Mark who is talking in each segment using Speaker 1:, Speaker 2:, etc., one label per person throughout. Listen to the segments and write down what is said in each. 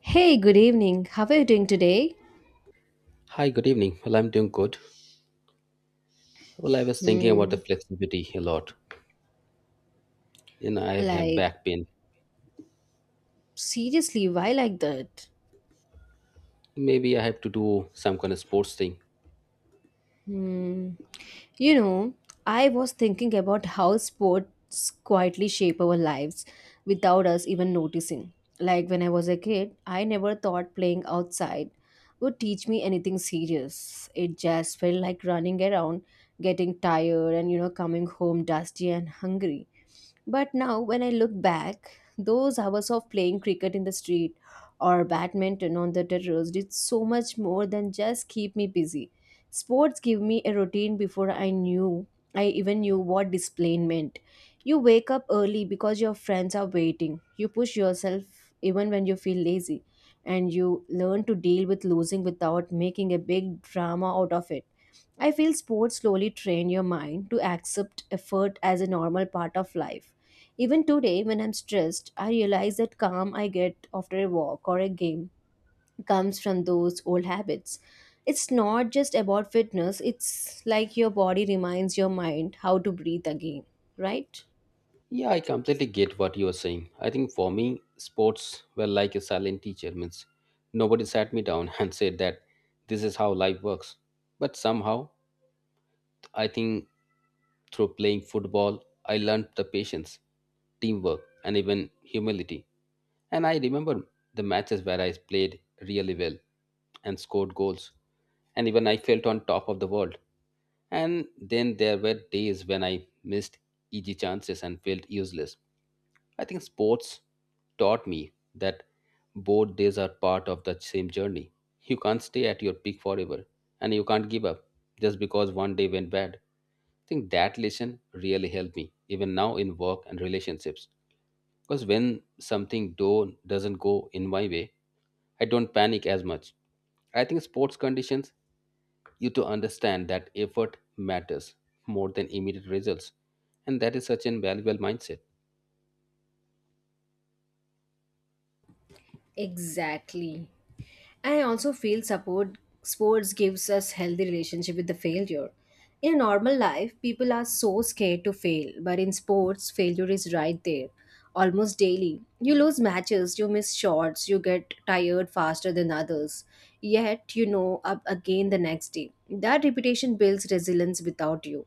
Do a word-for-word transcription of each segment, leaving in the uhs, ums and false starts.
Speaker 1: Hey, good evening. How are you doing today?
Speaker 2: Hi, good evening. Well, I'm doing good. Well, I was thinking about
Speaker 1: Hmm.
Speaker 2: the flexibility a lot. You know, I have
Speaker 1: Like,
Speaker 2: back pain.
Speaker 1: seriously, why like that?
Speaker 2: Maybe I have to do some kind of sports thing.
Speaker 1: Hmm. You know, I was thinking about how sports quietly shape our lives without us even noticing. Like, when I was a kid, I never thought playing outside would teach me anything serious. It just felt like running around, getting tired, and, you know, coming home dusty and hungry. But now, when I look back, those hours of playing cricket in the street or badminton on the terrace did so much more than just keep me busy. Sports give me a routine before I knew I even knew what display meant. You wake up early because your friends are waiting. You push yourself even when you feel lazy, and you learn to deal with losing without making a big drama out of it. I feel sports slowly train your mind to accept effort as a normal part of life. Even today, when I'm stressed, I realize that calm I get after a walk or a game comes from those old habits. It's not just about fitness, it's like your body reminds your mind how to breathe again, right?
Speaker 2: Yeah, I completely get what you are saying. I think for me, sports were like a silent teacher. Means nobody sat me down and said that this is how life works. But somehow, I think through playing football, I learned the patience, teamwork, and even humility. And I remember the matches where I played really well and scored goals. And even I felt on top of the world. And then there were days when I missed easy chances and felt useless. I think sports taught me that both days are part of the same journey. You can't stay at your peak forever and you can't give up just because one day went bad. I think that lesson really helped me even now in work and relationships. Because when something do doesn't go in my way, I don't panic as much. I think sports conditions you to understand that effort matters more than immediate results, and that is such an valuable mindset.
Speaker 1: Exactly. I also feel support sports gives us healthy relationship with the failure. In normal life, people are so scared to fail, but in sports, failure is right there, almost daily. You lose matches, you miss shots, you get tired faster than others. Yet you know up again the next day. That repetition builds resilience without you.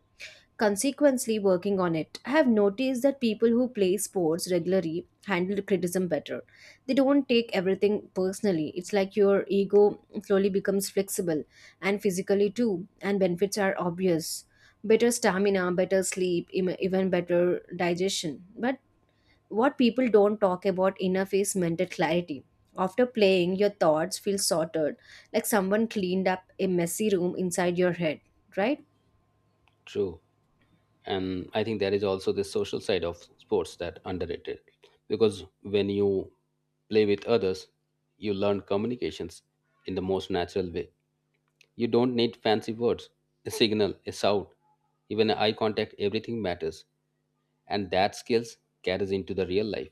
Speaker 1: Consequently, working on it, I have noticed that people who play sports regularly handle criticism better. They don't take everything personally. It's like your ego slowly becomes flexible and physically too, and benefits are obvious. Better stamina, better sleep, im- even better digestion. But what people don't talk about enough is mental clarity. After playing, your thoughts feel sorted, like someone cleaned up a messy room inside your head, right?
Speaker 2: True. And I think there is also the social side of sports that underrated because when you play with others you learn communications in the most natural way. You don't need fancy words, a signal, a shout, even eye contact, everything matters. And that skills carries into the real life.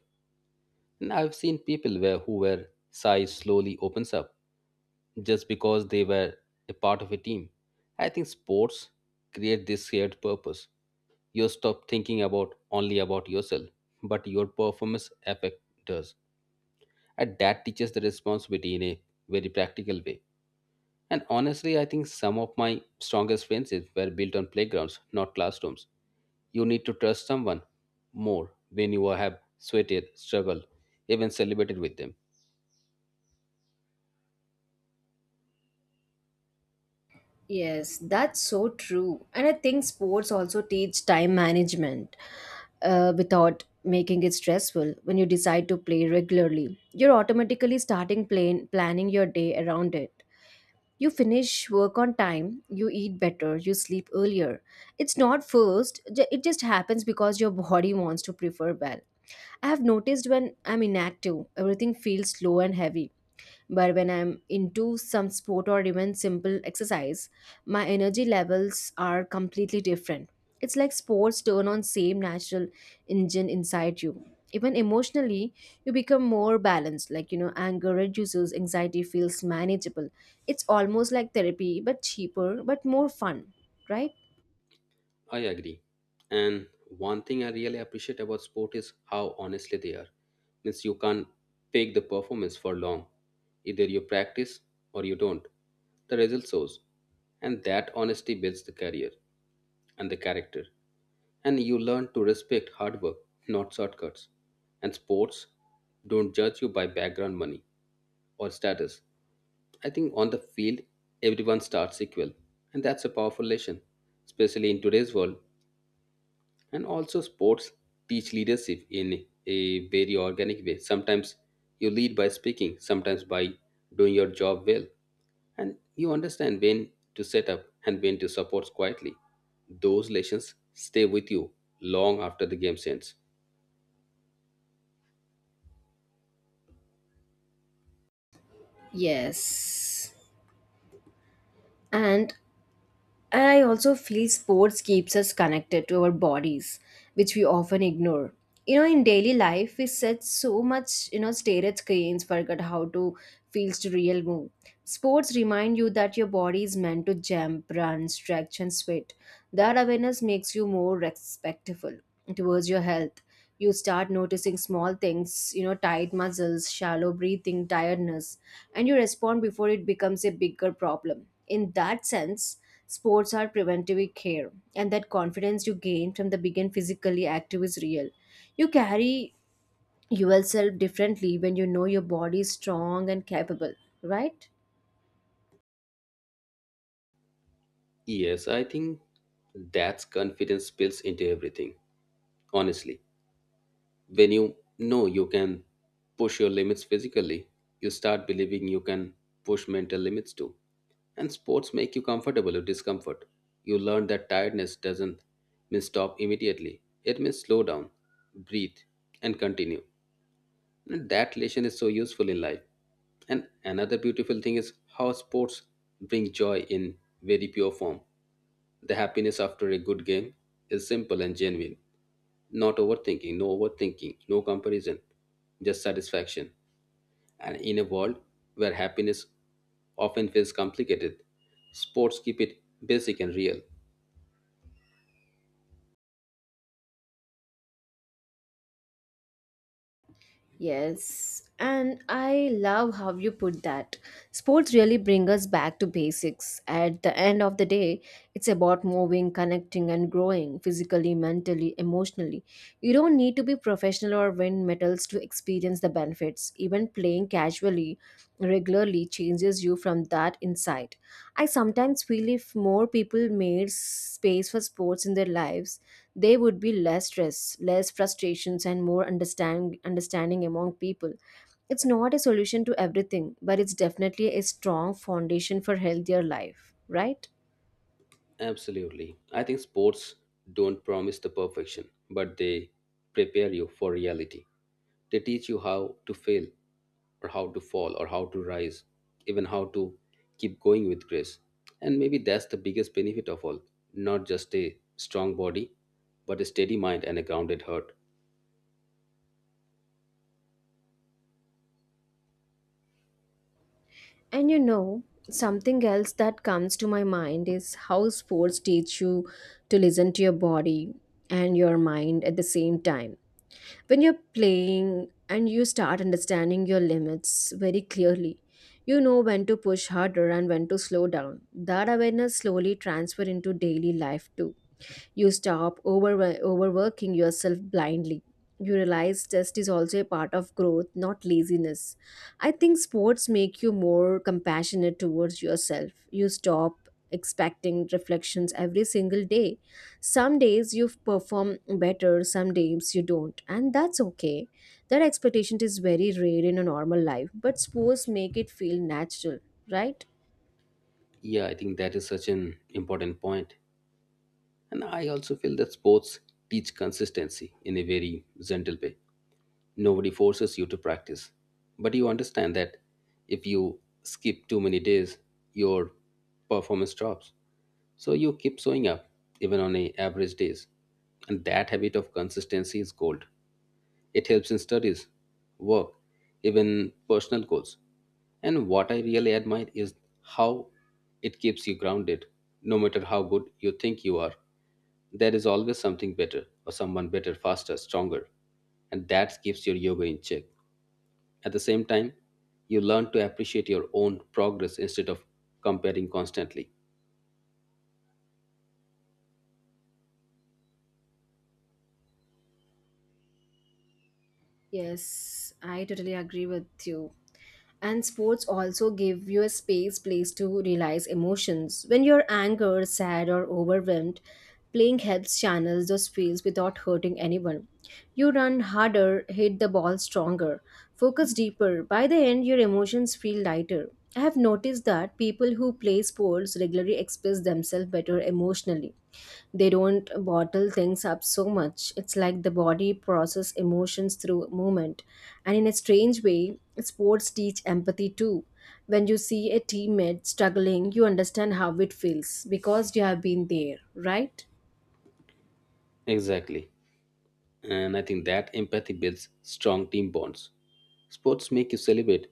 Speaker 2: And I've seen people where who were shy slowly opens up just because they were a part of a team. I think sports create this shared purpose. You stop thinking about only about yourself but your performance affect does, and that teaches the responsibility in a very practical way. And honestly I think some of my strongest friendships were built on playgrounds, not classrooms. You need to trust someone more when you have sweated, struggled, even celebrated with them.
Speaker 1: Yes, that's so true. And I think sports also teach time management uh, without making it stressful. When you decide to play regularly, you're automatically starting plan- planning your day around it. You finish work on time, you eat better, you sleep earlier. It's not forced, ju- it just happens because your body wants to prefer well. I have noticed when I'm inactive, everything feels slow and heavy but when I'm into some sport or even simple exercise, my energy levels are completely different. It's like sports turn on same natural engine inside you. Even emotionally, you become more balanced. Like you know, anger reduces, anxiety feels manageable. It's almost like therapy, but cheaper, but more fun, right?
Speaker 2: I agree. And one thing I really appreciate about sport is how honestly they are. Means you can't fake the performance for long. Either you practice or you don't. The result shows. And that honesty builds the career and the character. And you learn to respect hard work, not shortcuts. And sports don't judge you by background, money or status. I think on the field, everyone starts equal. And that's a powerful lesson, especially in today's world. And also sports teach leadership in a very organic way. Sometimes you lead by speaking, sometimes by doing your job well, and you understand when to set up and when to support quietly. Those lessons stay with you long after the game ends.
Speaker 1: Yes. And I also feel sports keeps us connected to our bodies, which we often ignore. You know, in daily life, we set so much, you know, stare at screens, forget how to feels to real move. Sports remind you that your body is meant to jump, run, stretch, and sweat. That awareness makes you more respectful towards your health. You start noticing small things, you know, tight muscles, shallow breathing, tiredness, and you respond before it becomes a bigger problem. In that sense, sports are preventive care, and that confidence you gain from the begin physically active is real. You carry yourself differently when you know your body is strong and capable, right?
Speaker 2: Yes, I think that's confidence spills into everything, honestly. When you know you can push your limits physically, you start believing you can push mental limits too. And sports make you comfortable with discomfort. You learn that tiredness doesn't mean stop immediately, it means slow down, breathe, and continue. And that lesson is so useful in life. And another beautiful thing is how sports bring joy in very pure form. The happiness after a good game is simple and genuine. Not overthinking, no overthinking, no comparison, just satisfaction. And in a world where happiness often feels complicated, sports keep it basic and real.
Speaker 1: Yes, and I love how you put that. Sports really bring us back to basics. At the end of the day, it's about moving, connecting, and growing physically, mentally, emotionally. You don't need to be professional or win medals to experience the benefits. Even playing casually, regularly changes you from that inside. I sometimes feel if more people made space for sports in their lives, there would be less stress, less frustrations, and more understand, understanding among people. It's not a solution to everything, but it's definitely a strong foundation for healthier life, right?
Speaker 2: Absolutely. I think sports don't promise the perfection, but they prepare you for reality. They teach you how to fail, or how to fall, or how to rise, even how to keep going with grace. And maybe that's the biggest benefit of all, not just a strong body, but a steady mind and a grounded heart.
Speaker 1: And you know, something else that comes to my mind is how sports teach you to listen to your body and your mind at the same time. When you're playing and you start understanding your limits very clearly, you know when to push harder and when to slow down. That awareness slowly transfer into daily life too. You stop over, overworking yourself blindly. You realize test is also a part of growth, not laziness. I think sports make you more compassionate towards yourself. You stop expecting reflections every single day. Some days you perform better, some days you don't, and that's okay. That expectation is very rare in a normal life, but sports make it feel natural, right?
Speaker 2: Yeah, I think that is such an important point. And I also feel that sports teach consistency in a very gentle way. Nobody forces you to practice. But you understand that if you skip too many days, your performance drops. So you keep showing up even on a average days. And that habit of consistency is gold. It helps in studies, work, even personal goals. And what I really admire is how it keeps you grounded, no matter how good you think you are. There is always something better, or someone better, faster, stronger, and that keeps your yoga in check. At the same time, you learn to appreciate your own progress instead of comparing constantly.
Speaker 1: Yes, I totally agree with you. And sports also give you a space place to realize emotions when you're angry, sad or overwhelmed. Playing helps channel those feels without hurting anyone. You run harder, hit the ball stronger, focus deeper. By the end your emotions feel lighter. I have noticed that people who play sports regularly express themselves better emotionally. They don't bottle things up so much. It's like the body process emotions through movement. And in a strange way, sports teach empathy too. When you see a teammate struggling, you understand how it feels because you have been there, right?
Speaker 2: Exactly. And I think that empathy builds strong team bonds. Sports make you celebrate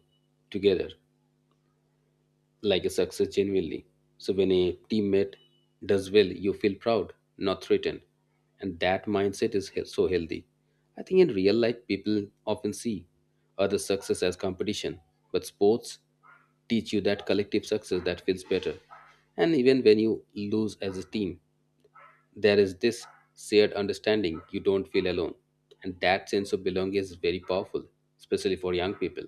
Speaker 2: together like a success genuinely. So when a teammate does well, you feel proud, not threatened. And that mindset is he- so healthy. I think in real life, people often see other success as competition, but sports teach you that collective success that feels better. And even when you lose as a team, there is this shared understanding, you don't feel alone. And that sense of belonging is very powerful, especially for young people.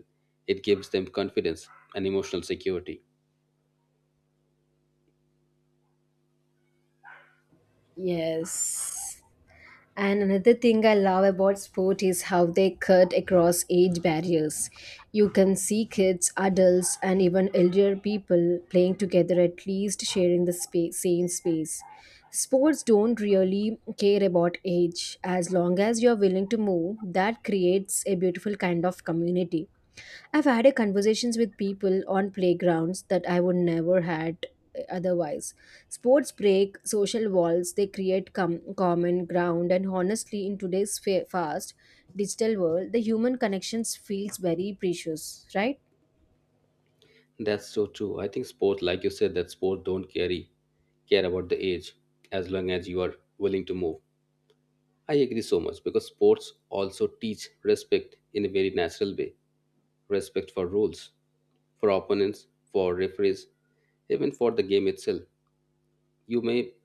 Speaker 2: It gives them confidence and emotional security.
Speaker 1: Yes. And another thing I love about sport is how they cut across age barriers. You can see kids, adults, and even elder people playing together, at least sharing the space, same space. Sports don't really care about age. As long as you're willing to move, that creates a beautiful kind of community. I've had a conversations with people on playgrounds that I would never had otherwise. Sports break social walls, they create com- common ground, and honestly, in today's fa- fast digital world, the human connections feels very precious, right?
Speaker 2: That's so true. I think sport, like you said, that sport don't carry care about the age as long as you are willing to move. I agree so much because sports also teach respect in a very natural way. Respect for rules, for opponents, for referees, even for the game itself. You may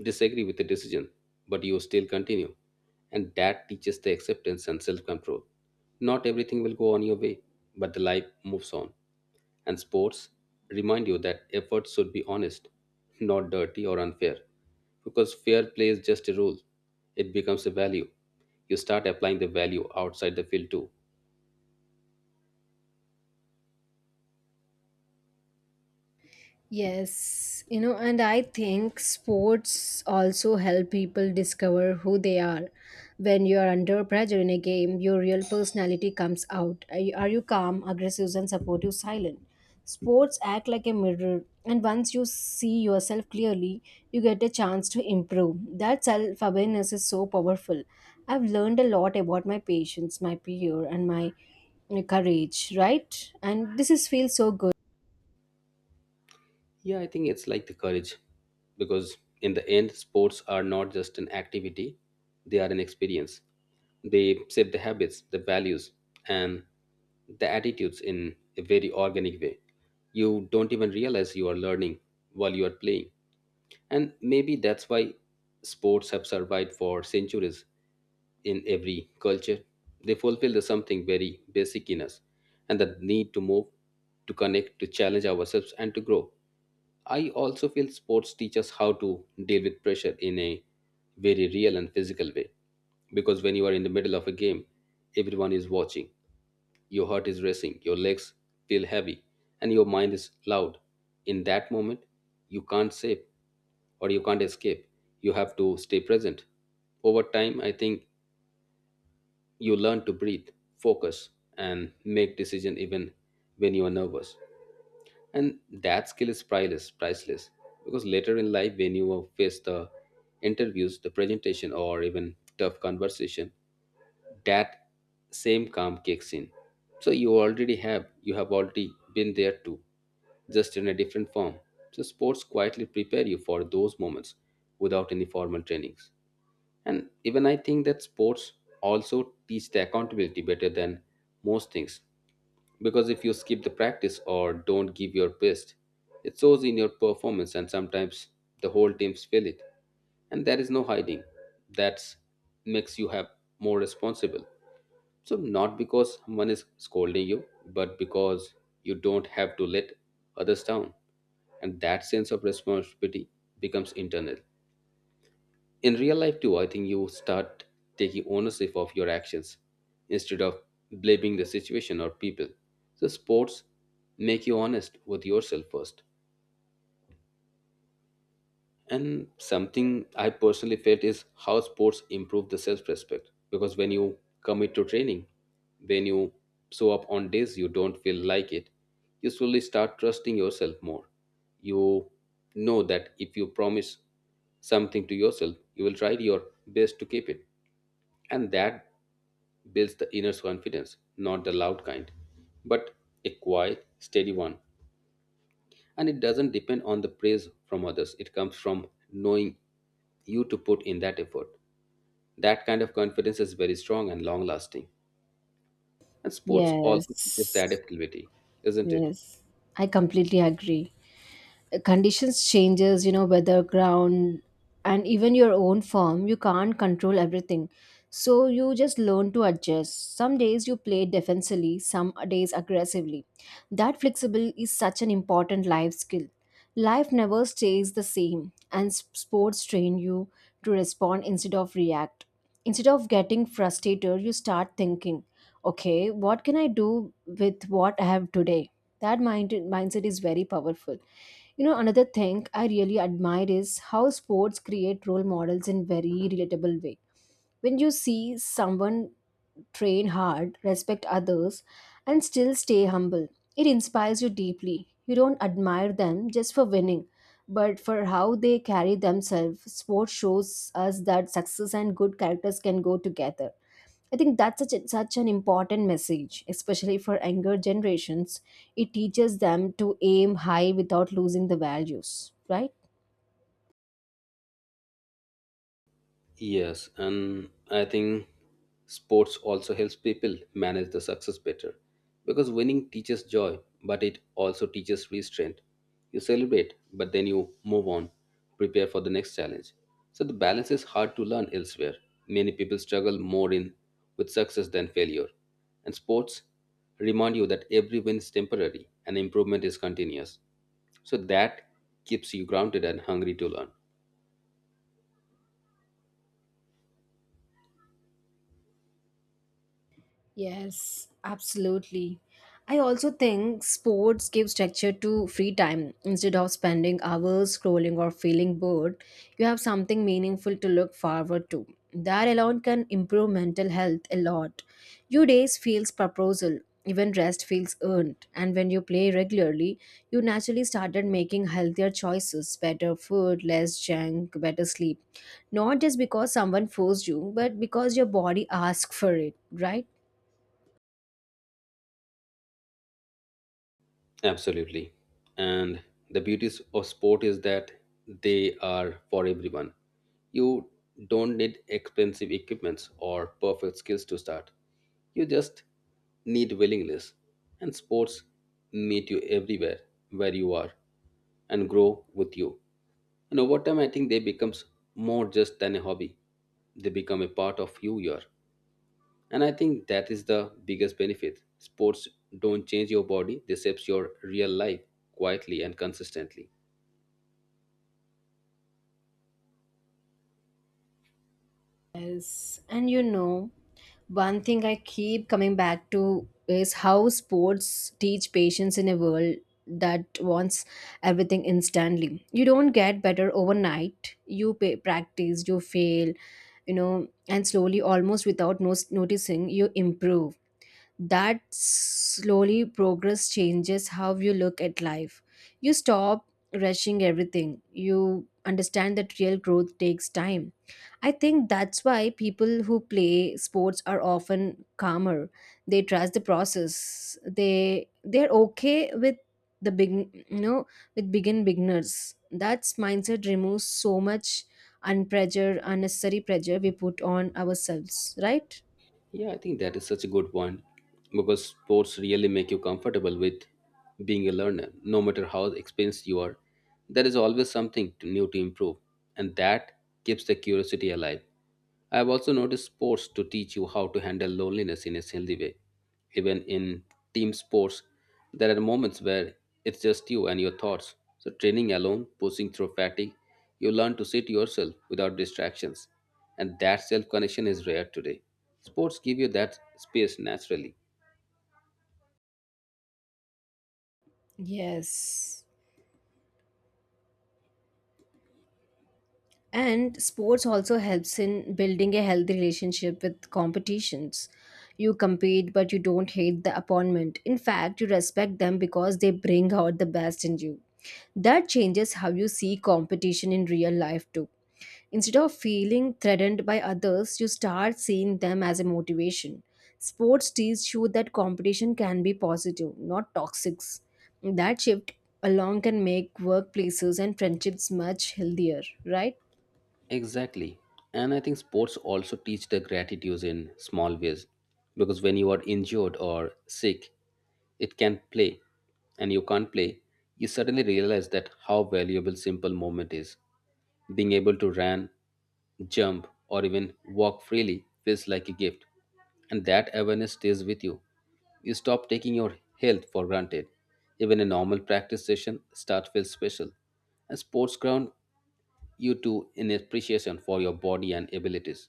Speaker 2: disagree with the decision, but you still continue. And that teaches the acceptance and self control. Not everything will go on your way, but the life moves on and sports remind you that efforts should be honest, not dirty or unfair. Because fair play is just a rule, it becomes a value. You start applying the value outside the field too.
Speaker 1: Yes, you know, and I think sports also help people discover who they are. When you are under pressure in a game, your real personality comes out. Are you, are you calm, aggressive, and supportive, silent? Sports act like a mirror, and once you see yourself clearly, you get a chance to improve. That self awareness is so powerful. I've learned a lot about my patience, my peer, and my uh, courage, right? And this is feels so good.
Speaker 2: Yeah, I think it's like the courage because in the end, sports are not just an activity, they are an experience. They shape the habits, the values, and the attitudes in a very organic way. You don't even realize you are learning while you are playing. And maybe that's why sports have survived for centuries in every culture. They fulfill the something very basic in us and the need to move, to connect, to challenge ourselves, and to grow. I also feel sports teach us how to deal with pressure in a very real and physical way because when you are in the middle of a game, everyone is watching. Your heart is racing, your legs feel heavy, and your mind is loud. In that moment, you can't save or you can't escape. You have to stay present. Over time, I think you learn to breathe, focus, and make decision even when you are nervous. And that skill is priceless, priceless. Because later in life, when you face the interviews, the presentation, or even tough conversation, that same calm kicks in, so you already have you have already been there too, just in a different form. So sports quietly prepare you for those moments without any formal trainings. And even I think that sports also teach the accountability better than most things because if you skip the practice or don't give your best, it shows in your performance and sometimes the whole teams feel it. And there is no hiding. That makes you have more responsible. So not because someone is scolding you, but because you don't have to let others down. And that sense of responsibility becomes internal in real life too. I think you start taking ownership of your actions instead of blaming the situation or people. So sports make you honest with yourself first. And something I personally felt is how sports improve the self-respect, because when you commit to training, when you show up on days you don't feel like it, you slowly start trusting yourself more. You know that if you promise something to yourself, you will try your best to keep it. And that builds the inner confidence, not the loud kind, but a quiet, steady one. And it doesn't depend on the praise from others, it comes from knowing you to put in that effort. That kind of confidence is very strong and long lasting. And sports also teaches that
Speaker 1: Yes.
Speaker 2: adaptability, isn't it?
Speaker 1: Yes, I completely agree. Uh, Conditions changes, you know, weather, ground, and even your own form. You can't control everything. So you just learn to adjust. Some days you play defensively, some days aggressively. That flexible is such an important life skill. Life never stays the same, and s- sports train you to respond instead of react. Instead of getting frustrated, you start thinking, okay, what can I do with what I have today? that mind, mindset is very powerful. you know another thing I really admire is how sports create role models in very relatable way. When you see someone train hard, respect others, and still stay humble. It inspires you deeply. You don't admire them just for winning, but for how they carry themselves. Sport shows us that success and good characters can go together. I think that's such, a, such an important message, especially for younger generations. It teaches them to aim high without losing the values, right?
Speaker 2: Yes, and I think sports also helps people manage the success better because winning teaches joy, but it also teaches restraint. You celebrate, but then you move on, prepare for the next challenge. So the balance is hard to learn elsewhere. Many people struggle more in with success than failure. And sports remind you that every win is temporary and improvement is continuous. So that keeps you grounded and hungry to learn.
Speaker 1: Yes, absolutely. I also think sports give structure to free time. Instead of spending hours scrolling or feeling bored, you have something meaningful to look forward to. That alone can improve mental health a lot. Your days feels proposal, even rest feels earned. And when you play regularly, you naturally started making healthier choices, better food, less junk, better sleep. Not just because someone forced you, but because your body asked for it, right?
Speaker 2: Absolutely. And the beauties of sport is that they are for everyone. You don't need expensive equipments or perfect skills to start. You just need willingness. And sports meet you everywhere where you are and grow with you. And over time I think they becomes more just than a hobby. They become a part of who you are, and I think that is the biggest benefit. Sports don't change your body, they shapes your real life quietly and consistently.
Speaker 1: Yes, and you know, one thing I keep coming back to is how sports teach patience in a world that wants everything instantly. You don't get better overnight. You pay, practice, you fail, you know, and slowly, almost without no- noticing, you improve. That slowly progress changes how you look at life. You stop rushing everything. You understand that real growth takes time. I think that's why people who play sports are often calmer. They trust the process. They they're okay with the big you know with begin beginners. That mindset removes so much unpressure, unnecessary pressure we put on ourselves, right?
Speaker 2: Yeah, I think that is such a good point, because sports really make you comfortable with being a learner. No matter how experienced you are, there is always something to, new to improve, and that keeps the curiosity alive. I have also noticed sports to teach you how to handle loneliness in a healthy way. Even in team sports, there are moments where it's just you and your thoughts. So, training alone, pushing through fatigue, you learn to sit yourself without distractions. And that self connection is rare today. Sports give you that space naturally.
Speaker 1: Yes. And sports also helps in building a healthy relationship with competitions. You compete, but you don't hate the opponent. In fact, you respect them because they bring out the best in you. That changes how you see competition in real life, too. Instead of feeling threatened by others, you start seeing them as a motivation. Sports teach you that competition can be positive, not toxic. That shift alone can make workplaces and friendships much healthier, right?
Speaker 2: Exactly. And I think sports also teach the gratitude in small ways. Because when you are injured or sick, it can play and you can't play, you suddenly realize that how valuable simple moment is. Being able to run, jump, or even walk freely feels like a gift, and that awareness stays with you. You stop taking your health for granted. Even a normal practice session start feels special, and sports ground you to in appreciation for your body and abilities.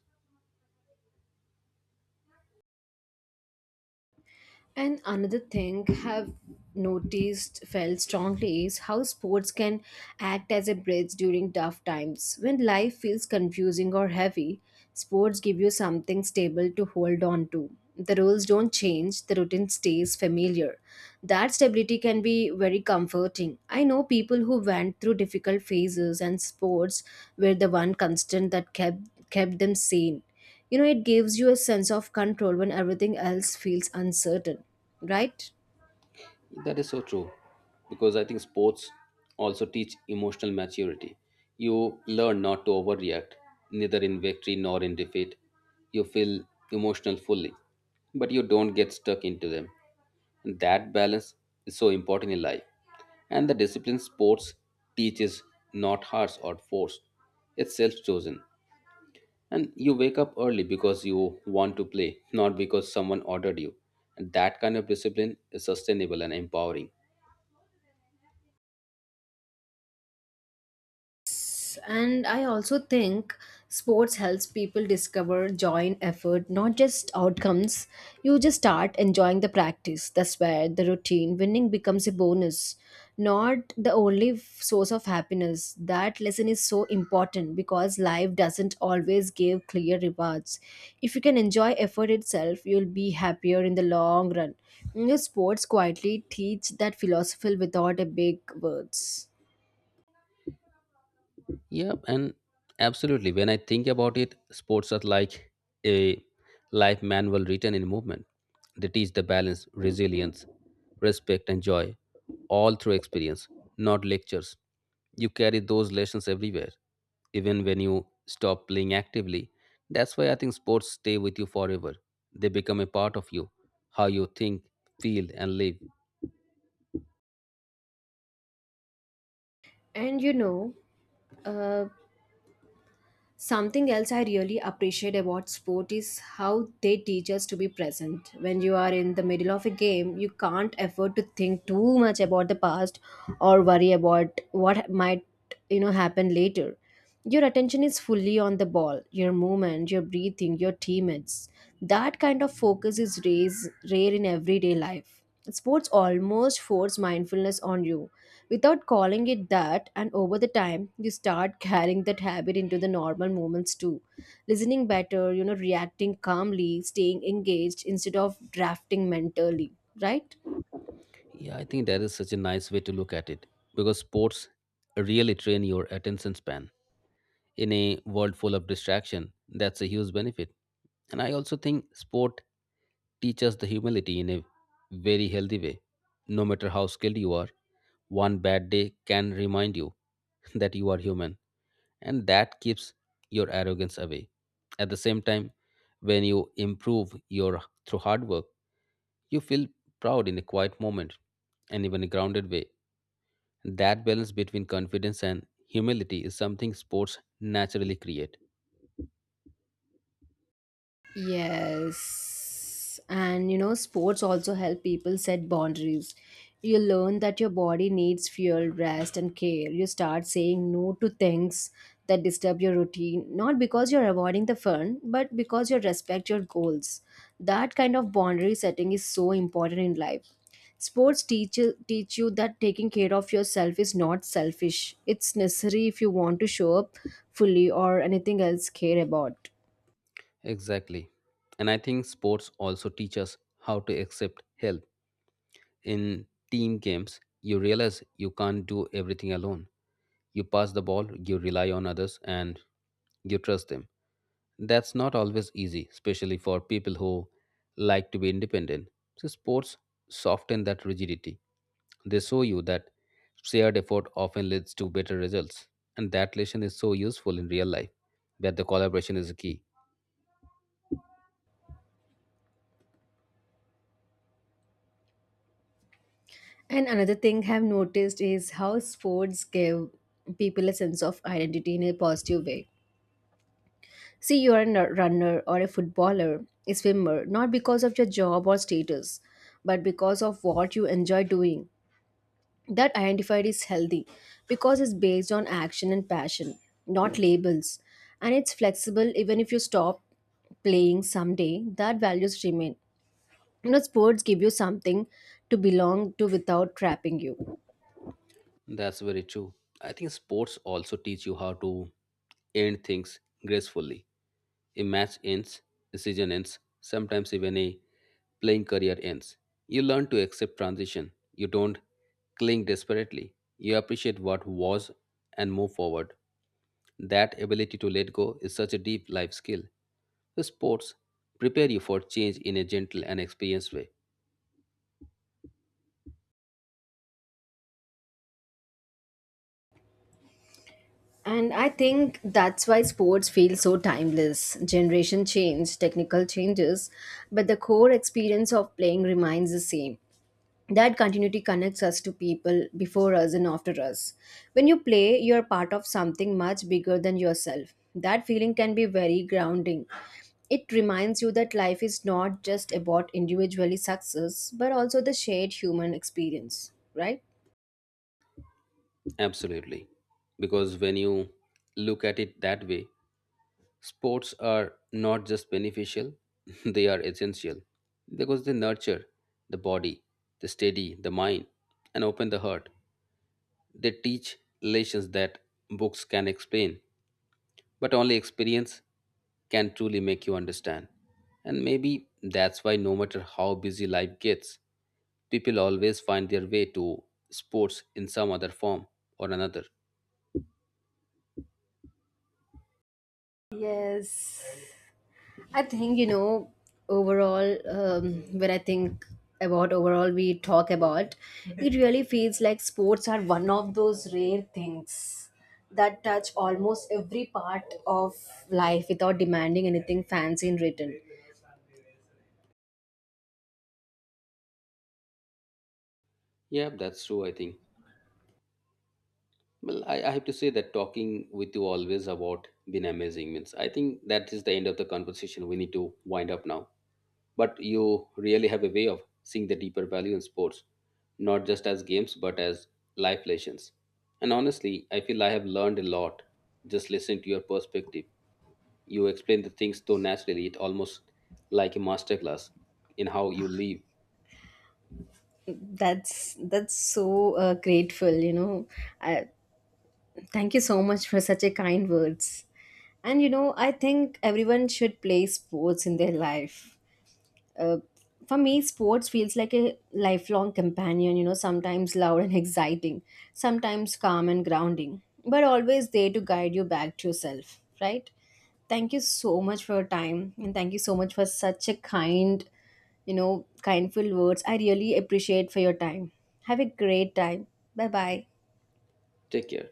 Speaker 1: And another thing have noticed felt strongly is how sports can act as a bridge during tough times. When life feels confusing or heavy, sports give you something stable to hold on to. The rules don't change, the routine stays familiar. That stability can be very comforting. I know people who went through difficult phases, and sports were the one constant that kept kept them sane. You know, it gives you a sense of control when everything else feels uncertain, right?
Speaker 2: That is so true, because I think sports also teach emotional maturity. You learn not to overreact, neither in victory nor in defeat. You feel emotional fully, but you don't get stuck into them. And that balance is so important in life. And the discipline sports teaches not harsh or forced, it's self chosen. And you wake up early because you want to play, not because someone ordered you. And that kind of discipline is sustainable and empowering.
Speaker 1: And I also think sports helps people discover joy in effort, not just outcomes. You just start enjoying the practice. That's where the routine winning becomes a bonus, not the only f- source of happiness. That lesson is so important because life doesn't always give clear rewards. If you can enjoy effort itself, you'll be happier in the long run. You know, sports quietly teach that philosophy without a big words.
Speaker 2: Yep, and absolutely. When I think about it, sports are like a life manual written in movement. They teach the balance, resilience, respect, and joy, all through experience, not lectures. You carry those lessons everywhere, even when you stop playing actively. That's why I think sports stay with you forever. They become a part of you, how you think, feel, and live.
Speaker 1: And you know, Uh, something else I really appreciate about sport is how they teach us to be present. When you are in the middle of a game, you can't afford to think too much about the past or worry about what might, you know, happen later. Your attention is fully on the ball, your movement, your breathing, your teammates. That kind of focus is raise, rare in everyday life. Sports almost force mindfulness on you without calling it that, and over the time, you start carrying that habit into the normal moments too. Listening better, you know, reacting calmly, staying engaged instead of drafting mentally, right?
Speaker 2: Yeah, I think that is such a nice way to look at it, because sports really train your attention span in a world full of distraction. That's a huge benefit. And I also think sport teaches the humility in a very healthy way. No matter how skilled you are, one bad day can remind you that you are human, and that keeps your arrogance away. At the same time, when you improve your through hard work, you feel proud in a quiet moment and even a grounded way. That balance between confidence and humility is something sports naturally create.
Speaker 1: Yes. And you know, sports also help people set boundaries. You learn that your body needs fuel, rest, and care. You start saying no to things that disturb your routine, not because you're avoiding the fun, but because you respect your goals. That kind of boundary setting is so important in life. Sports teach you, teach you that taking care of yourself is not selfish. It's necessary if you want to show up fully or anything else care about.
Speaker 2: Exactly. And I think sports also teach us how to accept help. In team games, you realize you can't do everything alone. You pass the ball, you rely on others, and you trust them. That's not always easy, especially for people who like to be independent. So, sports soften that rigidity. They show you that shared effort often leads to better results, and that lesson is so useful in real life, where the collaboration is key.
Speaker 1: And another thing I've noticed is how sports give people a sense of identity in a positive way. See, you are a n- runner or a footballer, a swimmer, not because of your job or status, but because of what you enjoy doing. That identified is healthy because it's based on action and passion, not labels. And it's flexible. Even if you stop playing someday, that values remain. You know, sports give you something to belong to without trapping you.
Speaker 2: That's very true. I think sports also teach you how to end things gracefully. A match ends, a season ends, sometimes even a playing career ends. You learn to accept transition. You don't cling desperately. You appreciate what was and move forward. That ability to let go is such a deep life skill. The sports prepare you for change in a gentle and experienced way.
Speaker 1: And I think that's why sports feel so timeless. Generation change, technical changes, but the core experience of playing remains the same. That continuity connects us to people before us and after us. When you play, you're part of something much bigger than yourself. That feeling can be very grounding. It reminds you that life is not just about individually success, but also the shared human experience, right?
Speaker 2: Absolutely. Because when you look at it that way, sports are not just beneficial, they are essential, because they nurture the body, they steady the mind, and open the heart. They teach lessons that books can explain, but only experience can truly make you understand. And maybe that's why, no matter how busy life gets, people always find their way to sports in some other form or another.
Speaker 1: Yes. I think, you know, overall, um, when I think about overall, we talk about it, really feels like sports are one of those rare things that touch almost every part of life without demanding anything fancy in return.
Speaker 2: Yeah, that's true, I think. Well, I, I have to say that talking with you always about been amazing means I think that is the end of the conversation. We need to wind up now. But you really have a way of seeing the deeper value in sports, not just as games but as life lessons. And honestly, I feel I have learned a lot just listening to your perspective. You explain the things so naturally, it almost like a masterclass in how you live.
Speaker 1: That's that's so uh, grateful, you know. I, thank you so much for such a kind words. And you know, I think everyone should play sports in their life. uh, for me, sports feels like a lifelong companion. You know, sometimes loud and exciting, sometimes calm and grounding, but always there to guide you back to yourself, right? Thank you so much for your time, and thank you so much for such a kind, you know kindful words. I really appreciate for your time. Have a great time. Bye bye.
Speaker 2: Take care.